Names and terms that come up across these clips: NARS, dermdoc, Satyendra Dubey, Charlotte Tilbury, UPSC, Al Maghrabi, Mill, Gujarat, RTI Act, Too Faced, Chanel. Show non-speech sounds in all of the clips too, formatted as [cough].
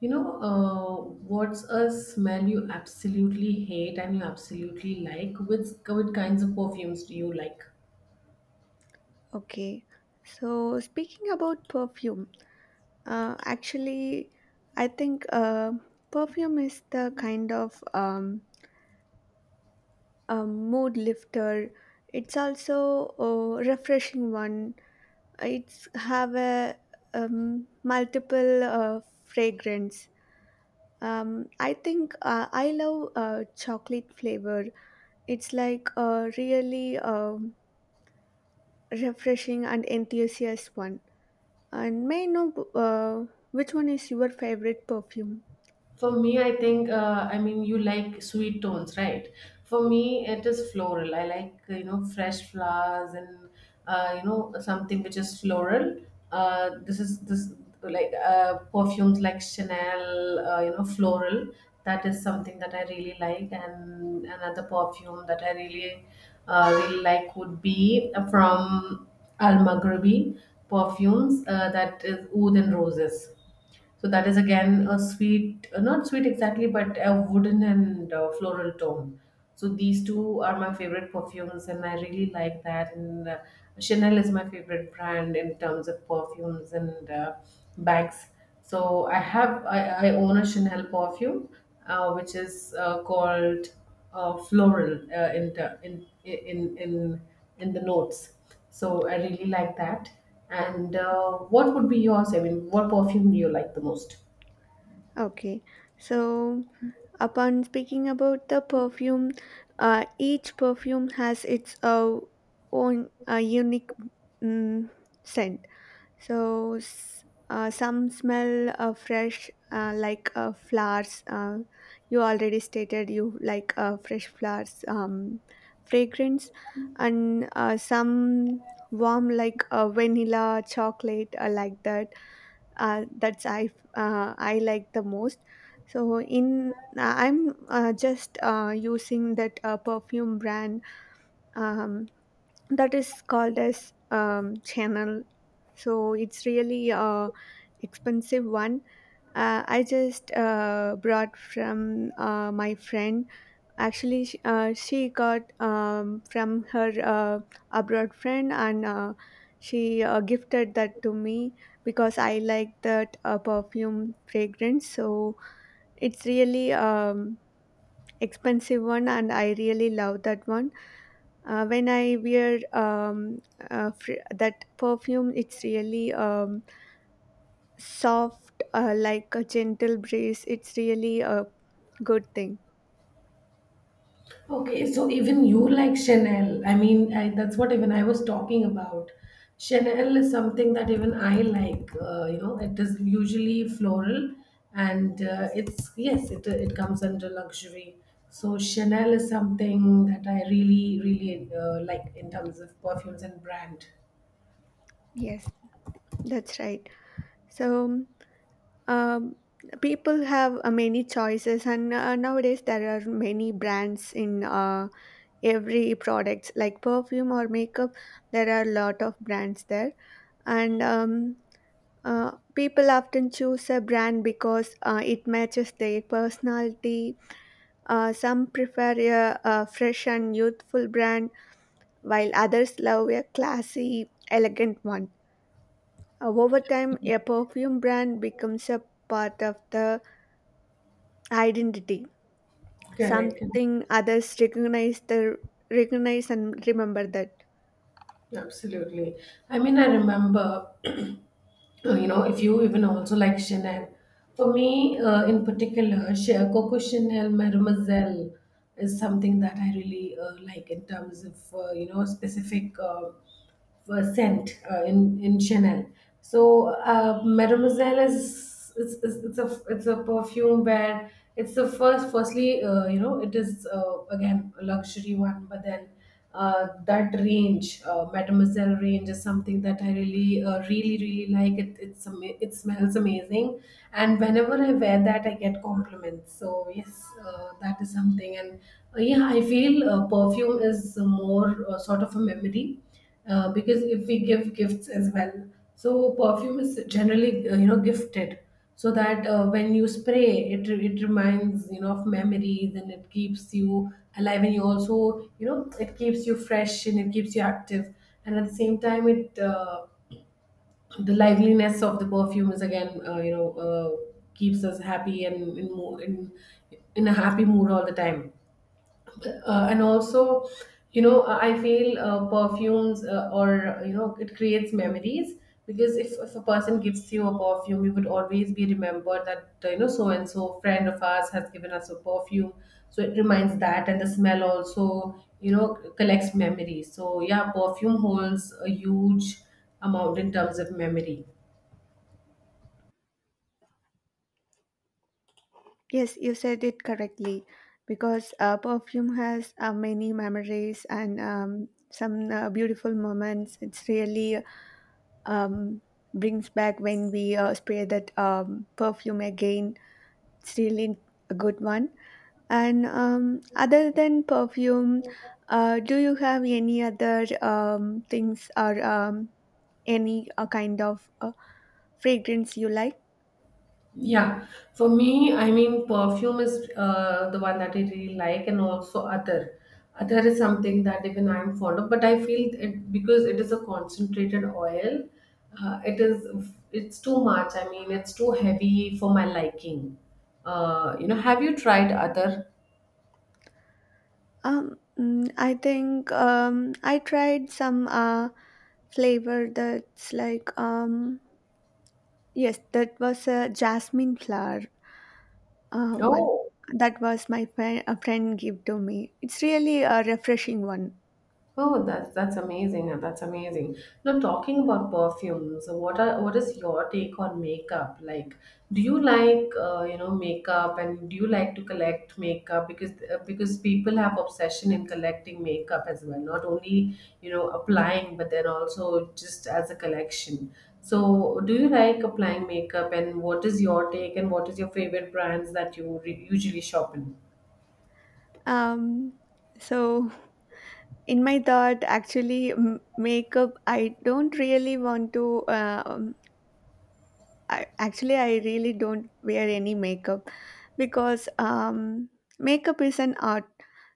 You know, uh, what's a smell you absolutely hate and you absolutely like? Which kinds of perfumes do you like? Okay, so speaking about perfume, actually, I think perfume is the kind of a mood lifter. It's also a refreshing one. It's have a multiple fragrance. I think I love chocolate flavor. It's like a really refreshing and enthusiast one. And may I know which one is your favorite perfume? For me, I think, you like sweet tones, right? For me, it is floral. I like, fresh flowers and something which is floral. This is this like perfumes like Chanel, floral. That is something that I really like. And another perfume that I really, really like would be from Al Maghrabi perfumes that is Oud and Roses. So that is again a sweet, not sweet exactly, but a wooden and floral tone. So these two are my favorite perfumes, and I really like that. And Chanel is my favorite brand in terms of perfumes and bags. So I own a Chanel perfume, which is called floral in, ter- in the notes. So I really like that. And What would be yours? I mean, what perfume do you like the most? Okay, so upon speaking about the perfume, each perfume has its own unique mm scent. So some smell fresh, like flowers. You already stated you like fresh flowers fragrance, and some warm like vanilla, chocolate, like that. That's I like the most. So in I'm just using that perfume brand. Um, that is called as channel. So it's really a expensive one. I just brought from my friend. Actually, she got from her abroad friend, and she gifted that to me because I like that perfume fragrance. So it's really expensive one, and I really love that one. When I wear that perfume, it's really soft, like a gentle breeze. It's really a good thing. Okay, so even you like Chanel. That's what even I was talking about. Chanel is something that even I like. It is usually floral, and it's yes, it comes under luxury. So Chanel is something that I really, really like in terms of perfumes and brand. Yes, that's right. So um, people have many choices, and nowadays there are many brands in every products like perfume or makeup. There are a lot of brands there, and people often choose a brand because it matches their personality. Some prefer a fresh and youthful brand, while others love a classy, elegant one. Over time, a perfume brand becomes a part of the identity, Correct. something others recognize and remember that. Absolutely. I mean, I remember, [clears throat] you know, if you even also like Chanel, for me in particular, Coco Chanel Mademoiselle is something that I really like in terms of, specific. Scent in Chanel. So Mademoiselle is it's a perfume where it's the first firstly you know it is again a luxury one, but then that range Mademoiselle range is something that I really really like. It smells amazing, and whenever I wear that, I get compliments. So yes, that is something, and yeah, I feel perfume is more sort of a memory because if we give gifts as well, so perfume is generally gifted, so that when you spray it, it reminds of memories, and it keeps you alive, and you also it keeps you fresh and it keeps you active. And at the same time, it the liveliness of the perfume is again keeps us happy and in, mo- in a happy mood all the time. And also, I feel perfumes, or you know it creates memories, because if a person gives you a perfume, you would always be remembered that so and so friend of ours has given us a perfume. So it reminds that, and the smell also, you know collects memories. So yeah, perfume holds a huge amount in terms of memory. Yes, you said it correctly, because perfume has many memories and some beautiful moments. It's really um, brings back when we spray that perfume again. It's really a good one. And other than perfume, do you have any other things or any kind of fragrance you like? Yeah, for me, I mean, perfume is the one that I really like, and also other. Other is something that even I'm fond of, but I feel it because it is a concentrated oil. Uh, it is, it's too much. I mean, it's too heavy for my liking. Have you tried other? I think I tried some. Flavor that's like yes, that was a jasmine flower one. No. That was my friend, a friend gave to me. It's really a refreshing one. Oh, that's amazing. That's amazing. Now, talking about perfumes, what is your take on makeup? Like, do you like makeup, and do you like to collect makeup? Because people have obsession in collecting makeup as well, not only applying, but then also just as a collection. So, do you like applying makeup, and what is your take, and what is your favorite brands that you usually shop in? um so in my thought, actually, makeup I don't really want to actually, I really don't wear any makeup, because makeup is an art.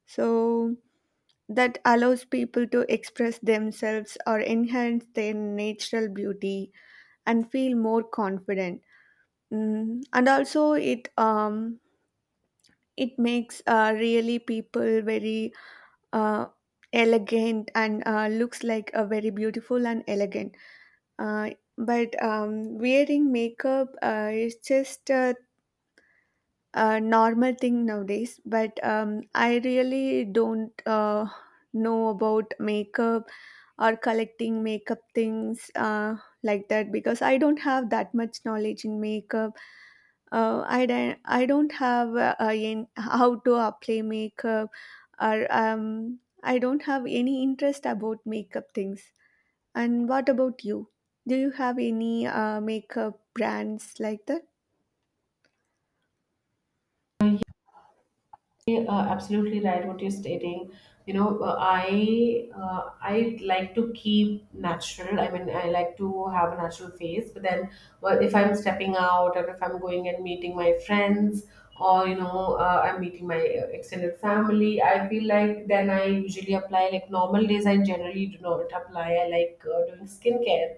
So that allows people to express themselves or enhance their natural beauty and feel more confident. And also it makes really people very uh, elegant, and looks like a very beautiful and elegant. uh, but wearing makeup is just a normal thing nowadays. But I really don't know about makeup or collecting makeup things like that, because I don't have that much knowledge in makeup. I don't have in how to apply makeup. Or I don't have any interest about makeup things. And what about you? Do you have any makeup brands like that? Absolutely right what you're stating. I like to keep natural. I mean, I like to have a natural face, but then, well, if I'm stepping out, or if I'm going and meeting my friends, or I'm meeting my extended family, I feel like then I usually apply. Like normal days I generally do not apply. I like doing skincare,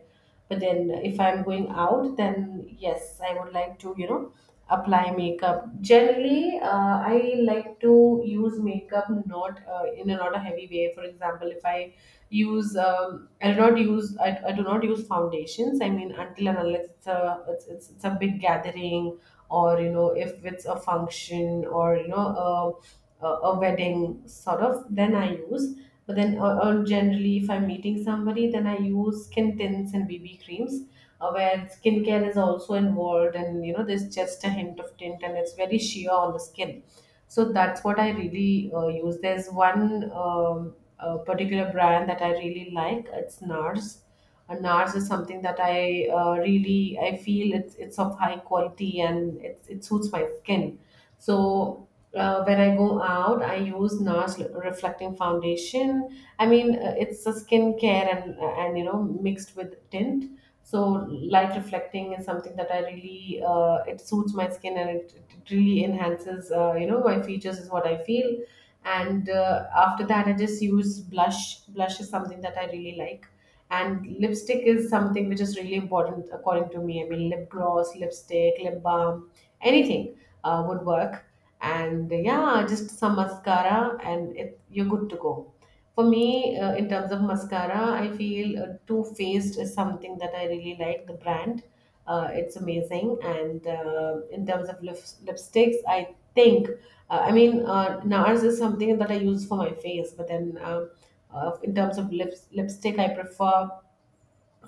but then if I'm going out, then yes, I would like to, you know, apply makeup. Generally, I like to use makeup not a heavy way. For example, if I use, I do not use, I do not use foundations. I mean, until and unless it's a big gathering, or you know, if it's a function, or you know, a wedding sort of, then I use. But then, or generally, if I'm meeting somebody, then I use skin tints and BB creams, where skincare is also involved, and you know, there's just a hint of tint, and it's very sheer on the skin. So that's what I really use. There's one particular brand that I really like. It's NARS. A NARS is something that I really I feel it's of high quality, and it suits my skin. So when I go out, I use NARS reflecting foundation. I mean, it's a skincare and you know mixed with tint. So light reflecting is something that I really it suits my skin, and it really enhances my features is what I feel. And after that, I just use blush. Blush is something that I really like, and lipstick is something which is really important according to me. I mean, lip gloss, lipstick, lip balm, anything would work. And yeah, just some mascara, and you're good to go. For me, in terms of mascara, I feel Too Faced is something that I really like, the brand. It's amazing. And in terms of lipsticks, I think, NARS is something that I use for my face, but then in terms of lipstick, I prefer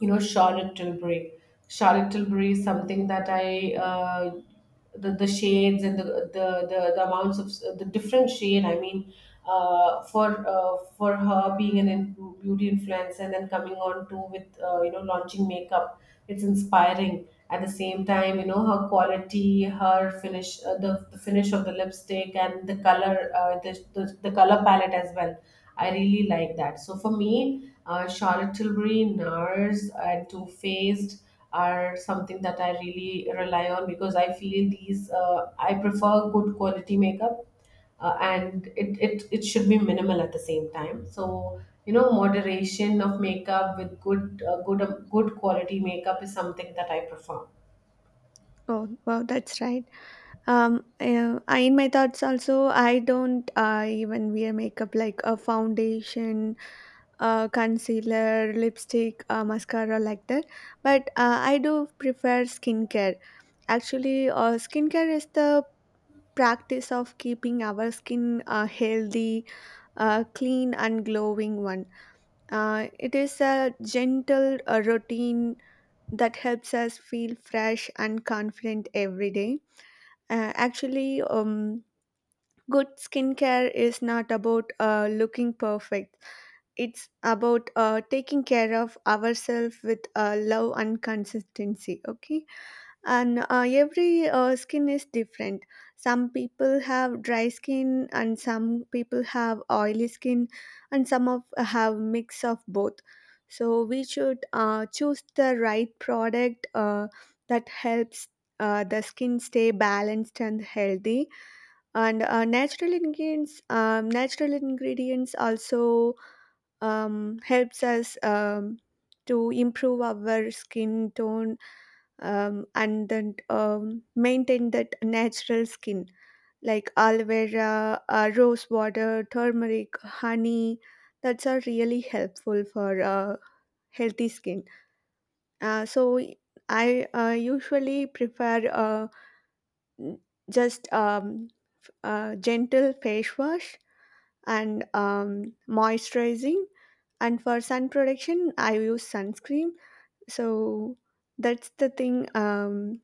Charlotte Tilbury. Charlotte Tilbury is something that I the shades and the amounts of the different shade. I mean, for her being an beauty influencer and then coming on to with launching makeup, it's inspiring. At the same time, you know, her quality, her finish, the finish of the lipstick and the color, the color palette as well, I really like that. So for me, Charlotte Tilbury, NARS, and Too Faced are something that I really rely on, because I feel these I prefer good quality makeup. And it it should be minimal at the same time. So you know, moderation of makeup with good quality makeup is something that I prefer. Oh, wow, that's right. In my thoughts also, I don't even wear makeup like a foundation, concealer, lipstick, mascara, like that. But I do prefer skincare. Actually, skincare is the practice of keeping our skin healthy, clean, and glowing one. It is a gentle routine that helps us feel fresh and confident every day. Actually, good skincare is not about looking perfect. It's about taking care of ourselves with love and consistency. Okay, and every skin is different. Some people have dry skin, and some people have oily skin, and some of have mix of both. So we should choose the right product that helps the skin stay balanced and healthy, and natural ingredients also helps us to improve our skin tone, and then maintain that natural skin, like aloe vera, rose water, turmeric, honey. That's are really helpful for healthy skin. So I usually prefer just gentle face wash, and moisturizing. And for sun protection I use sunscreen. So that's the thing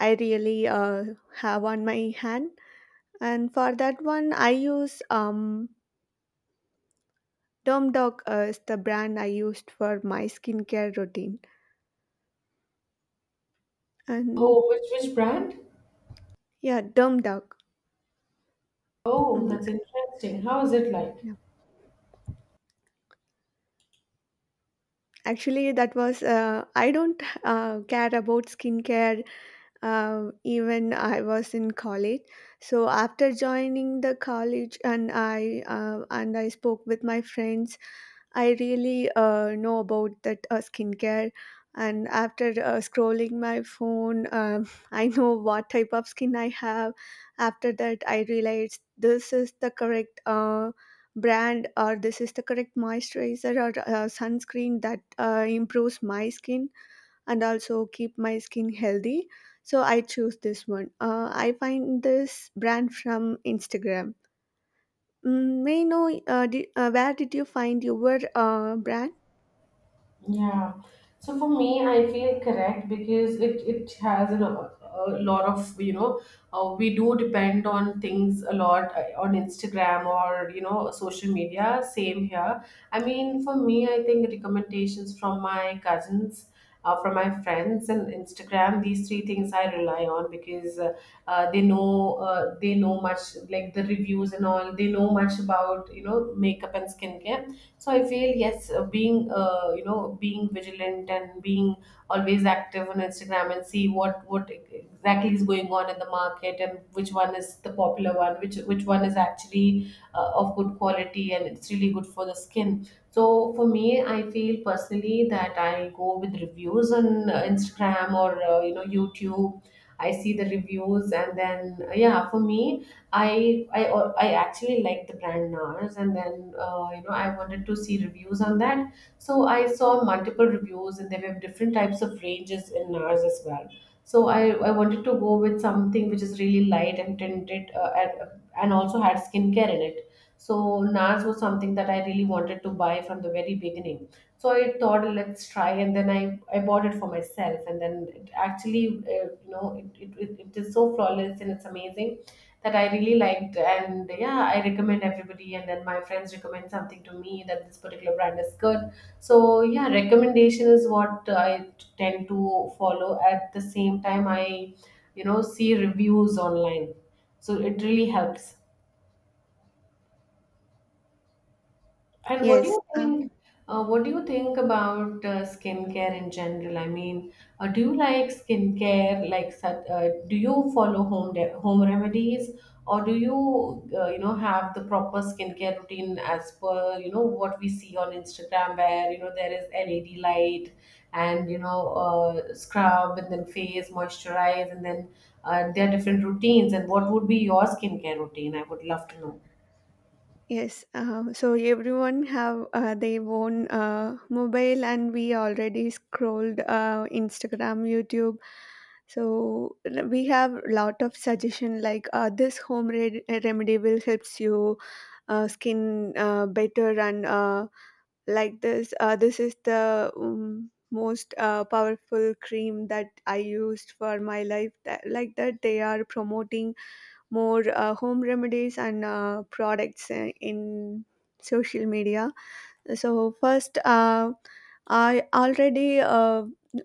I really have on my hand. And for that one I use Dermdoc as the brand I used for my skincare routine. And Oh, which brand? yeah, Dermdoc. Oh, Mm, that's interesting. How is it like? yeah. Actually, that was I don't care about skincare even I was in college. So after joining the college, and I spoke with my friends, I really know about that skincare. And after scrolling my phone, [laughs] I know what type of skin I have. After that, I realized this is the correct brand, or this is the correct moisturizer or sunscreen that improves my skin and also keep my skin healthy. So I choose this one. I find this brand from Instagram. May I know, where did you find your brand? Yeah. So for me, I feel correct because it a lot of, you know, we do depend on things a lot on Instagram, or you know, social media. Same here. I mean, for me, I think recommendations from my cousins. From my friends and Instagram, these three things I rely on, because they know much like the reviews and all. They know much about makeup and skincare. So I feel yes, being, being vigilant and being always active on Instagram and see what exactly is going on in the market, and which one is the popular one, which one is actually of good quality and it's really good for the skin. So for me, I feel personally that I go with reviews on Instagram or YouTube. I see the reviews, and then yeah, for me, I I I actually like the brand NARS, and then I wanted to see reviews on that. So I saw multiple reviews, and there were different types of ranges in NARS as well. So I wanted to go with something which is really light and tinted, and also had skincare in it. So NARS was something that I really wanted to buy from the very beginning. So I thought, let's try, and then I bought it for myself, and then it actually, you know, it is so flawless and it's amazing that I really liked. And yeah, I recommend everybody. And then my friends recommend something to me that this particular brand is good. So yeah, recommendation is what I tend to follow. At the same time, I, you know, see reviews online. So it really helps. And what do you Yes, think? What do you think about skincare in general? I mean, do you like skincare? Like, do you follow home remedies, or do you you know have the proper skincare routine as per you know what we see on Instagram, where you know there is LED light and scrub and then face moisturize and then there are different routines. And what would be your skincare routine? I would love to know. yes. So everyone have their own mobile, and we already scrolled Instagram, YouTube. So we have lot of suggestion like, this home remedy will helps you skin better, and like this, this is the most powerful cream that I used for my life. Like that, they are promoting more home remedies and products in social media. So first I already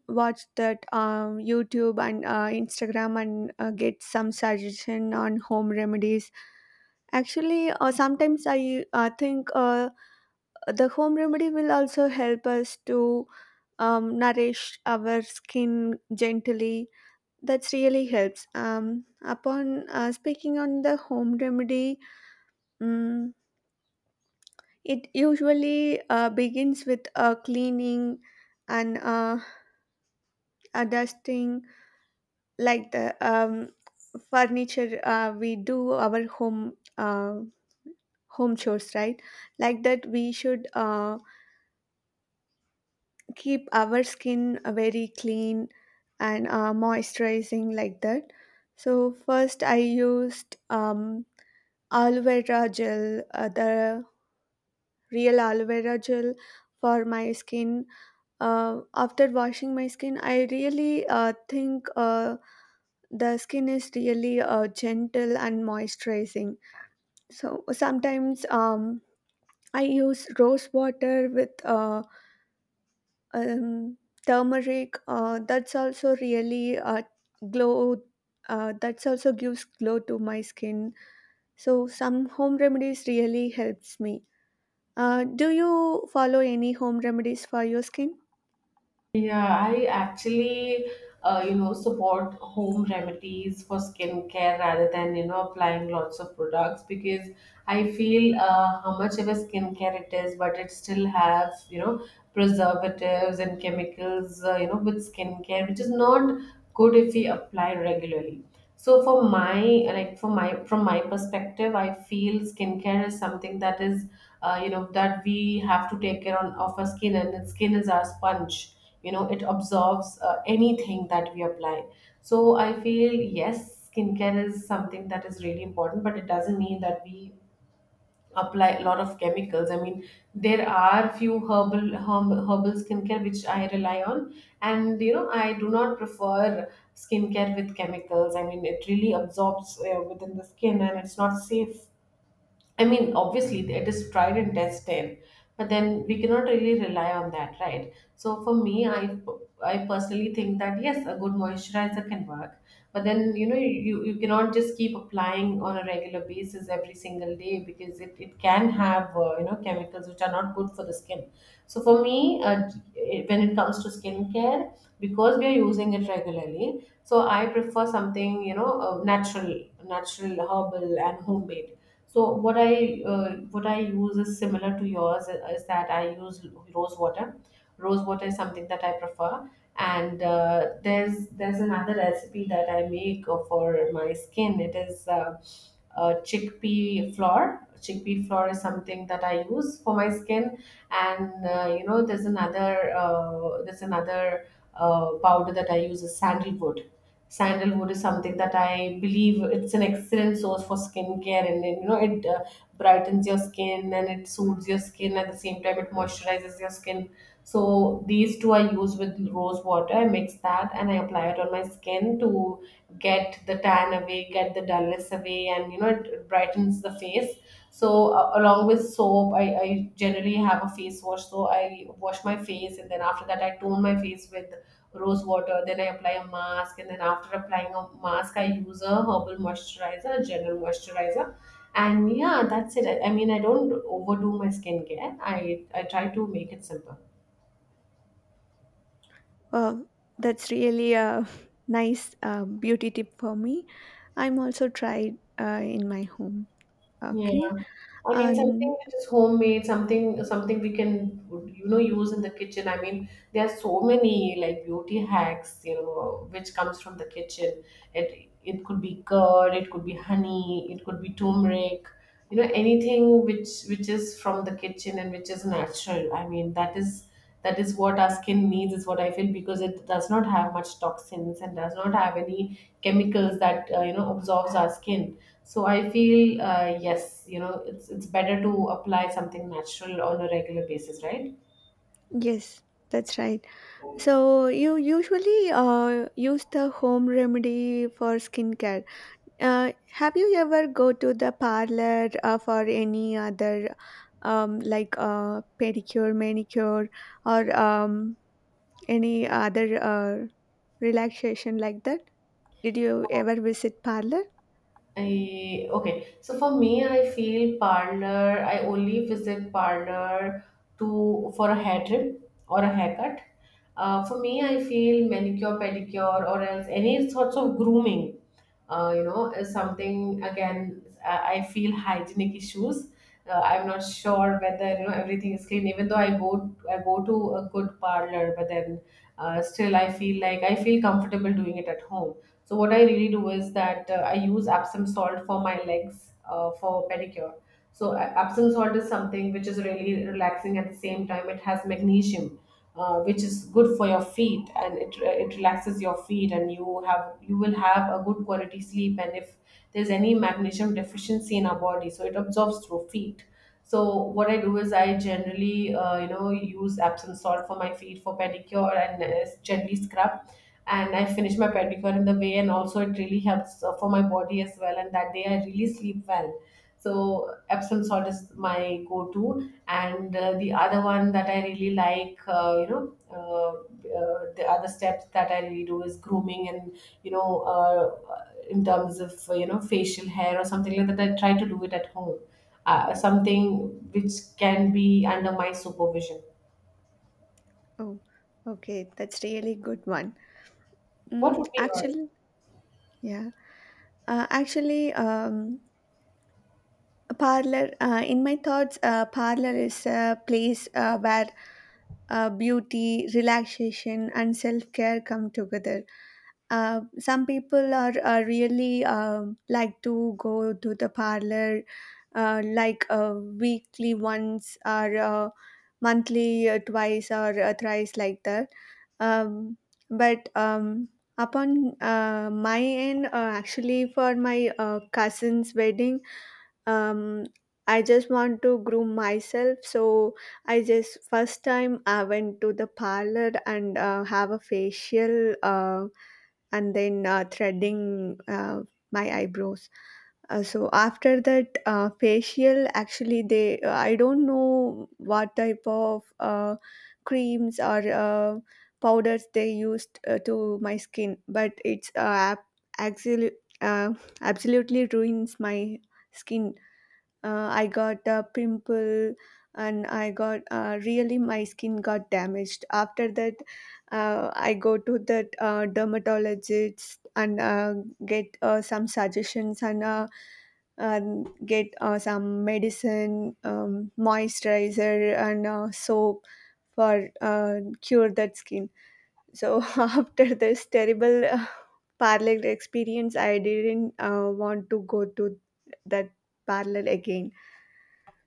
watched that YouTube and Instagram, and get some suggestion on home remedies. Actually, sometimes I think the home remedy will also help us to nourish our skin gently. That's really helps. Upon speaking on the home remedy, um, it usually begins with cleaning and dusting, like the furniture. We do our home chores, right? Like that, we should keep our skin very clean and moisturizing, like that. So first I used aloe vera gel, the real aloe vera gel for my skin. After washing my skin, I really think the skin is really gentle and moisturizing. So sometimes I use rose water with um, turmeric. Glow that's also gives glow to my skin. So some home remedies really helps me. Do you follow any home remedies for your skin? Yeah, you know, support home remedies for skincare rather than, you know, applying lots of products because I feel how much of a skincare it is, but it still has, you know, preservatives and chemicals, you know, with skincare, which is not good if we apply regularly. so for my for my from my perspective I feel skincare is something that is you know that we have to take care on, of our skin, and the skin is our sponge. You know it absorbs anything that we apply. So I feel yes, skincare is something that is really important, but it doesn't mean that we apply a lot of chemicals. I mean, there are few herbal skincare which I rely on, and you know I do not prefer skincare with chemicals. I mean, it really absorbs within the skin, and it's not safe. I mean, obviously, it is tried and tested, but then we cannot really rely on that, right? So for me, I personally think that yes, a good moisturizer can work, but then you know you cannot just keep applying on a regular basis every single day, because it can have chemicals which are not good for the skin. So for me, uh, when it comes to skincare, because we are using it regularly, so I prefer something you know natural, natural herbal and homemade. So what I use is similar to yours, is that I use rose water. Rose water is something that I prefer, and there's another recipe that I make for my skin. It is Chickpea flour. Chickpea flour is something that I use for my skin, and you know there's another powder that I use is sandalwood. Sandalwood is something that I believe it's an excellent source for skincare, and you know it brightens your skin and it soothes your skin. At the same time, it moisturizes your skin. So these two I use with rose water. I mix that and I apply it on my skin to get the tan away, get the dullness away, and you know it brightens the face. So along with soap, I generally have a face wash, so I wash my face, and then after that I tone my face with rose water, then I apply a mask, and then after applying a mask I use a herbal moisturizer, a general moisturizer. And yeah, that's it. I mean I don't overdo my skincare. I try to make it simple. uh, that's really a [laughs] nice beauty tip for me. I'm also tried in my home. Yeah. Okay. I mean And something which is homemade, something we can you know use in the kitchen. I mean, there are so many like beauty hacks, you know, which comes from the kitchen. It could be curd, it could be honey, it could be turmeric, you know, anything which is from the kitchen and which is natural. I mean, that is what our skin needs is what I feel, because it does not have much toxins and does not have any chemicals that you know absorbs our skin. So I feel yes, you know, it's better to apply something natural on a regular basis, right? yes, that's right. So you usually use the home remedy for skincare. Have you ever go to the parlor for any other like pedicure, manicure, or any other relaxation, like that? Did you ever visit parlor? I okay. So for me, I feel parlor. I only visit parlor to for a hair trim or a haircut. For me, I feel manicure, pedicure, or else any sorts of grooming. You know, is something again. I feel hygienic issues. I'm not sure whether you know everything is clean. Even though I go to a good parlor, but then still I feel like I feel comfortable doing it at home. So what I really do is that I use Epsom salt for my legs, for pedicure. So Epsom salt is something which is really relaxing. At the same time, it has magnesium, which is good for your feet, and it relaxes your feet, and you will have a good quality sleep. And if there's any magnesium deficiency in our body, so it absorbs through feet. So what I do is I generally use Epsom salt for my feet for pedicure, and gently scrub, and I finish my pedicure in the way, and also it really helps for my body as well. And that day I really sleep well. So Epsom salt is my go-to, and the other one that I really like, the other steps that I really do is grooming, and you know, in terms of facial hair or something like that, I try to do it at home. Something which can be under my supervision. Oh, okay, that's really good one. What would be yours? Actually, yeah, actually, a parlor. In my thoughts, parlor is a place where beauty, relaxation, and self care come together. Some people are really like to go to the parlor, like weekly once, or monthly twice, or thrice, like that. um, but upon my end, actually, for my cousin's wedding, um I just want to groom myself. So I just first time I went to the parlor and have a facial, and then threading my eyebrows. So after that facial, actually, they I don't know what type of creams or powders they used to my skin. But it's actually uh, absolutely ruins my skin. I got a pimple, and I got really my skin got damaged. After that, I go to that dermatologist, and get some suggestions, and get some medicine, moisturizer, and soap, for cure that skin. So [laughs] after this terrible parlor experience, I didn't want to go to that parlor again.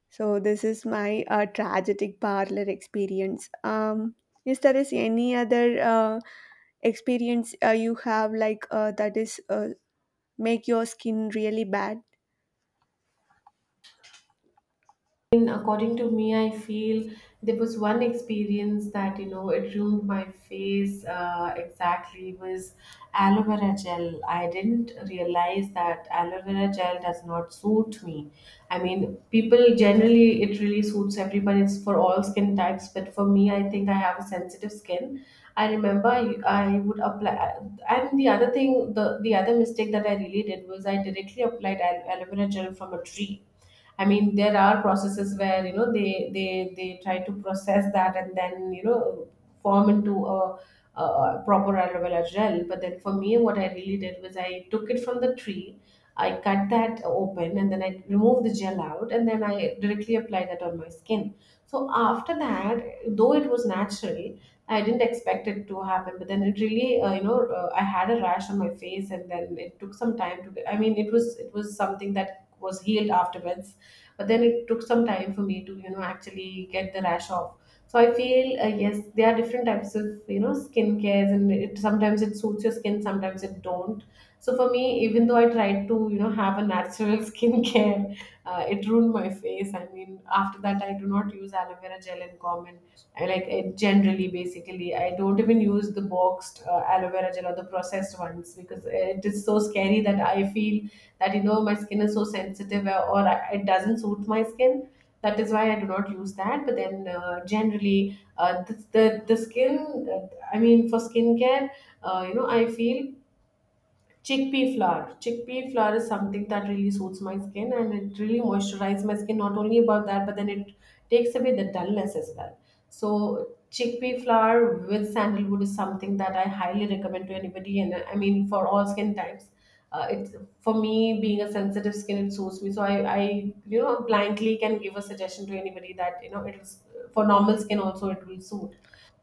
So this is my tragic parlor experience. Is there is any other experience you have like that is make your skin really bad? And according to me, I feel there was one experience that you know it ruined my face. Exactly was aloe vera gel. I didn't realize that aloe vera gel does not suit me. I mean, people generally it really suits everybody. It's for all skin types, but for me, I think I have a sensitive skin. I remember I, I would apply, and the other thing, the other mistake that I really did was I directly applied aloe vera gel from a tree. I mean, there are processes where you know they they try to process that, and then you know form into a proper aloe vera gel. But then for me, what I really did was I took it from the tree, I cut that open, and then I removed the gel out, and then I directly applied that on my skin. So after that, though it was natural, I didn't expect it to happen. But then it really, I had a rash on my face, and then it took some time to. Get, I mean, it was something that was healed afterwards, but then it took some time for me to you know actually get the rash off. So I feel yes, there are different types of you know skin cares, and it sometimes it suits your skin, sometimes it don't. So for me, even though I tried to you know have a natural [laughs] skincare, it ruined my face. I mean after that I do not use aloe vera gel in common. I like it generally, basically I don't even use the boxed aloe vera gel or the processed ones, because it is so scary that I feel that you know my skin is so sensitive, it doesn't suit my skin. That is why I do not use that. But then generally, the skin. Uh, I mean, for skincare, you know, I feel chickpea flour. Chickpea flour is something that really suits my skin and it really moisturizes my skin. Not only about that, but then it takes away the dullness as well. So chickpea flour with sandalwood is something that I highly recommend to anybody. And I mean, for all skin types, it's for me being a sensitive skin, it suits me. So you know, blankly can give a suggestion to anybody that you know it's for normal skin also it will suit.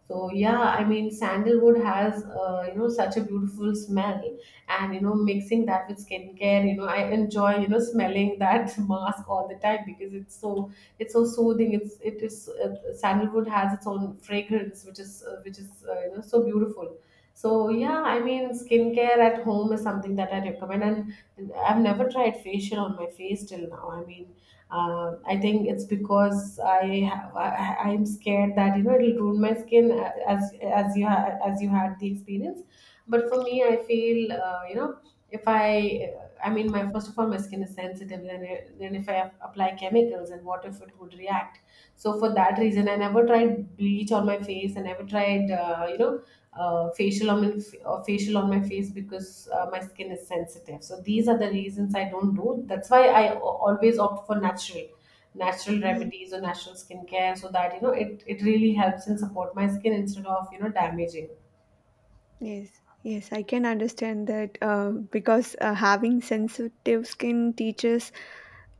So yeah, I mean, sandalwood has you know such a beautiful smell, and you know mixing that with skincare, you know I enjoy you know smelling that [laughs] mask all the time because it's so soothing. It is sandalwood has its own fragrance which is you know so beautiful. So yeah, I mean skincare at home is something that I recommend, and I've never tried facial on my face till now. I mean I think it's because I have, I- am scared that you know it'll ruin my skin as you as you had the experience. But for me, I feel you know if I I mean my first of all my skin is sensitive. Then it- then if I apply chemicals, and what if it would react? So for that reason, I never tried bleach on my face. I never tried uh, facial on my, facial on my face because my skin is sensitive. So these are the reasons I don't do. That's why I always opt for natural, natural remedies or natural skincare, so that you know it it really helps and support my skin instead of you know damaging. Yes, yes, I can understand that, because having sensitive skin teaches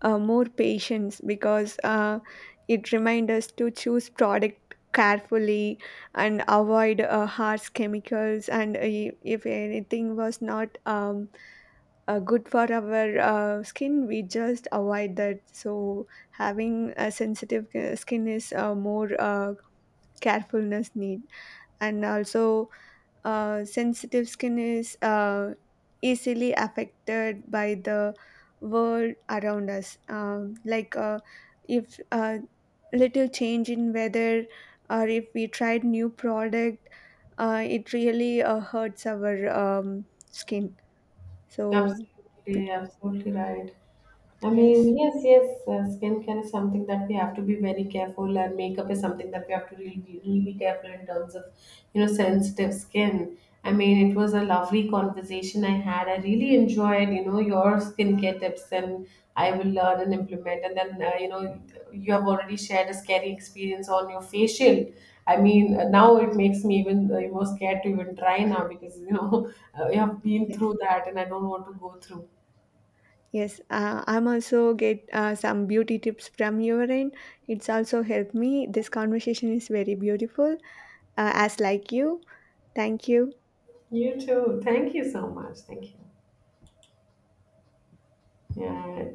more patience, because it reminds us to choose product carefully and avoid harsh chemicals, and if anything was not good for our skin, we just avoid that. So having a sensitive skin is more carefulness need. And also, sensitive skin is easily affected by the world around us. Like if little change in weather, or if we tried new product, it really hurts our skin. So p- Absolutely, absolutely right. I yes, mean, yes, yes, skincare is something that we have to be very careful, and makeup is something that we have to really, really be careful in terms of, you know, sensitive skin. I mean, it was a lovely conversation I had. I really enjoyed, you know, your skincare tips, and I will learn and implement. And then, you know, you have already shared a scary experience on your facial. I mean, now it makes me even more scared to even try now because you know [laughs] I have been yes. through that and I don't want to go through. Yes, I'm also get some beauty tips from your end. It's also helped me. This conversation is very beautiful, as like you. Thank you. You too. Thank you so much. Thank you. Yeah.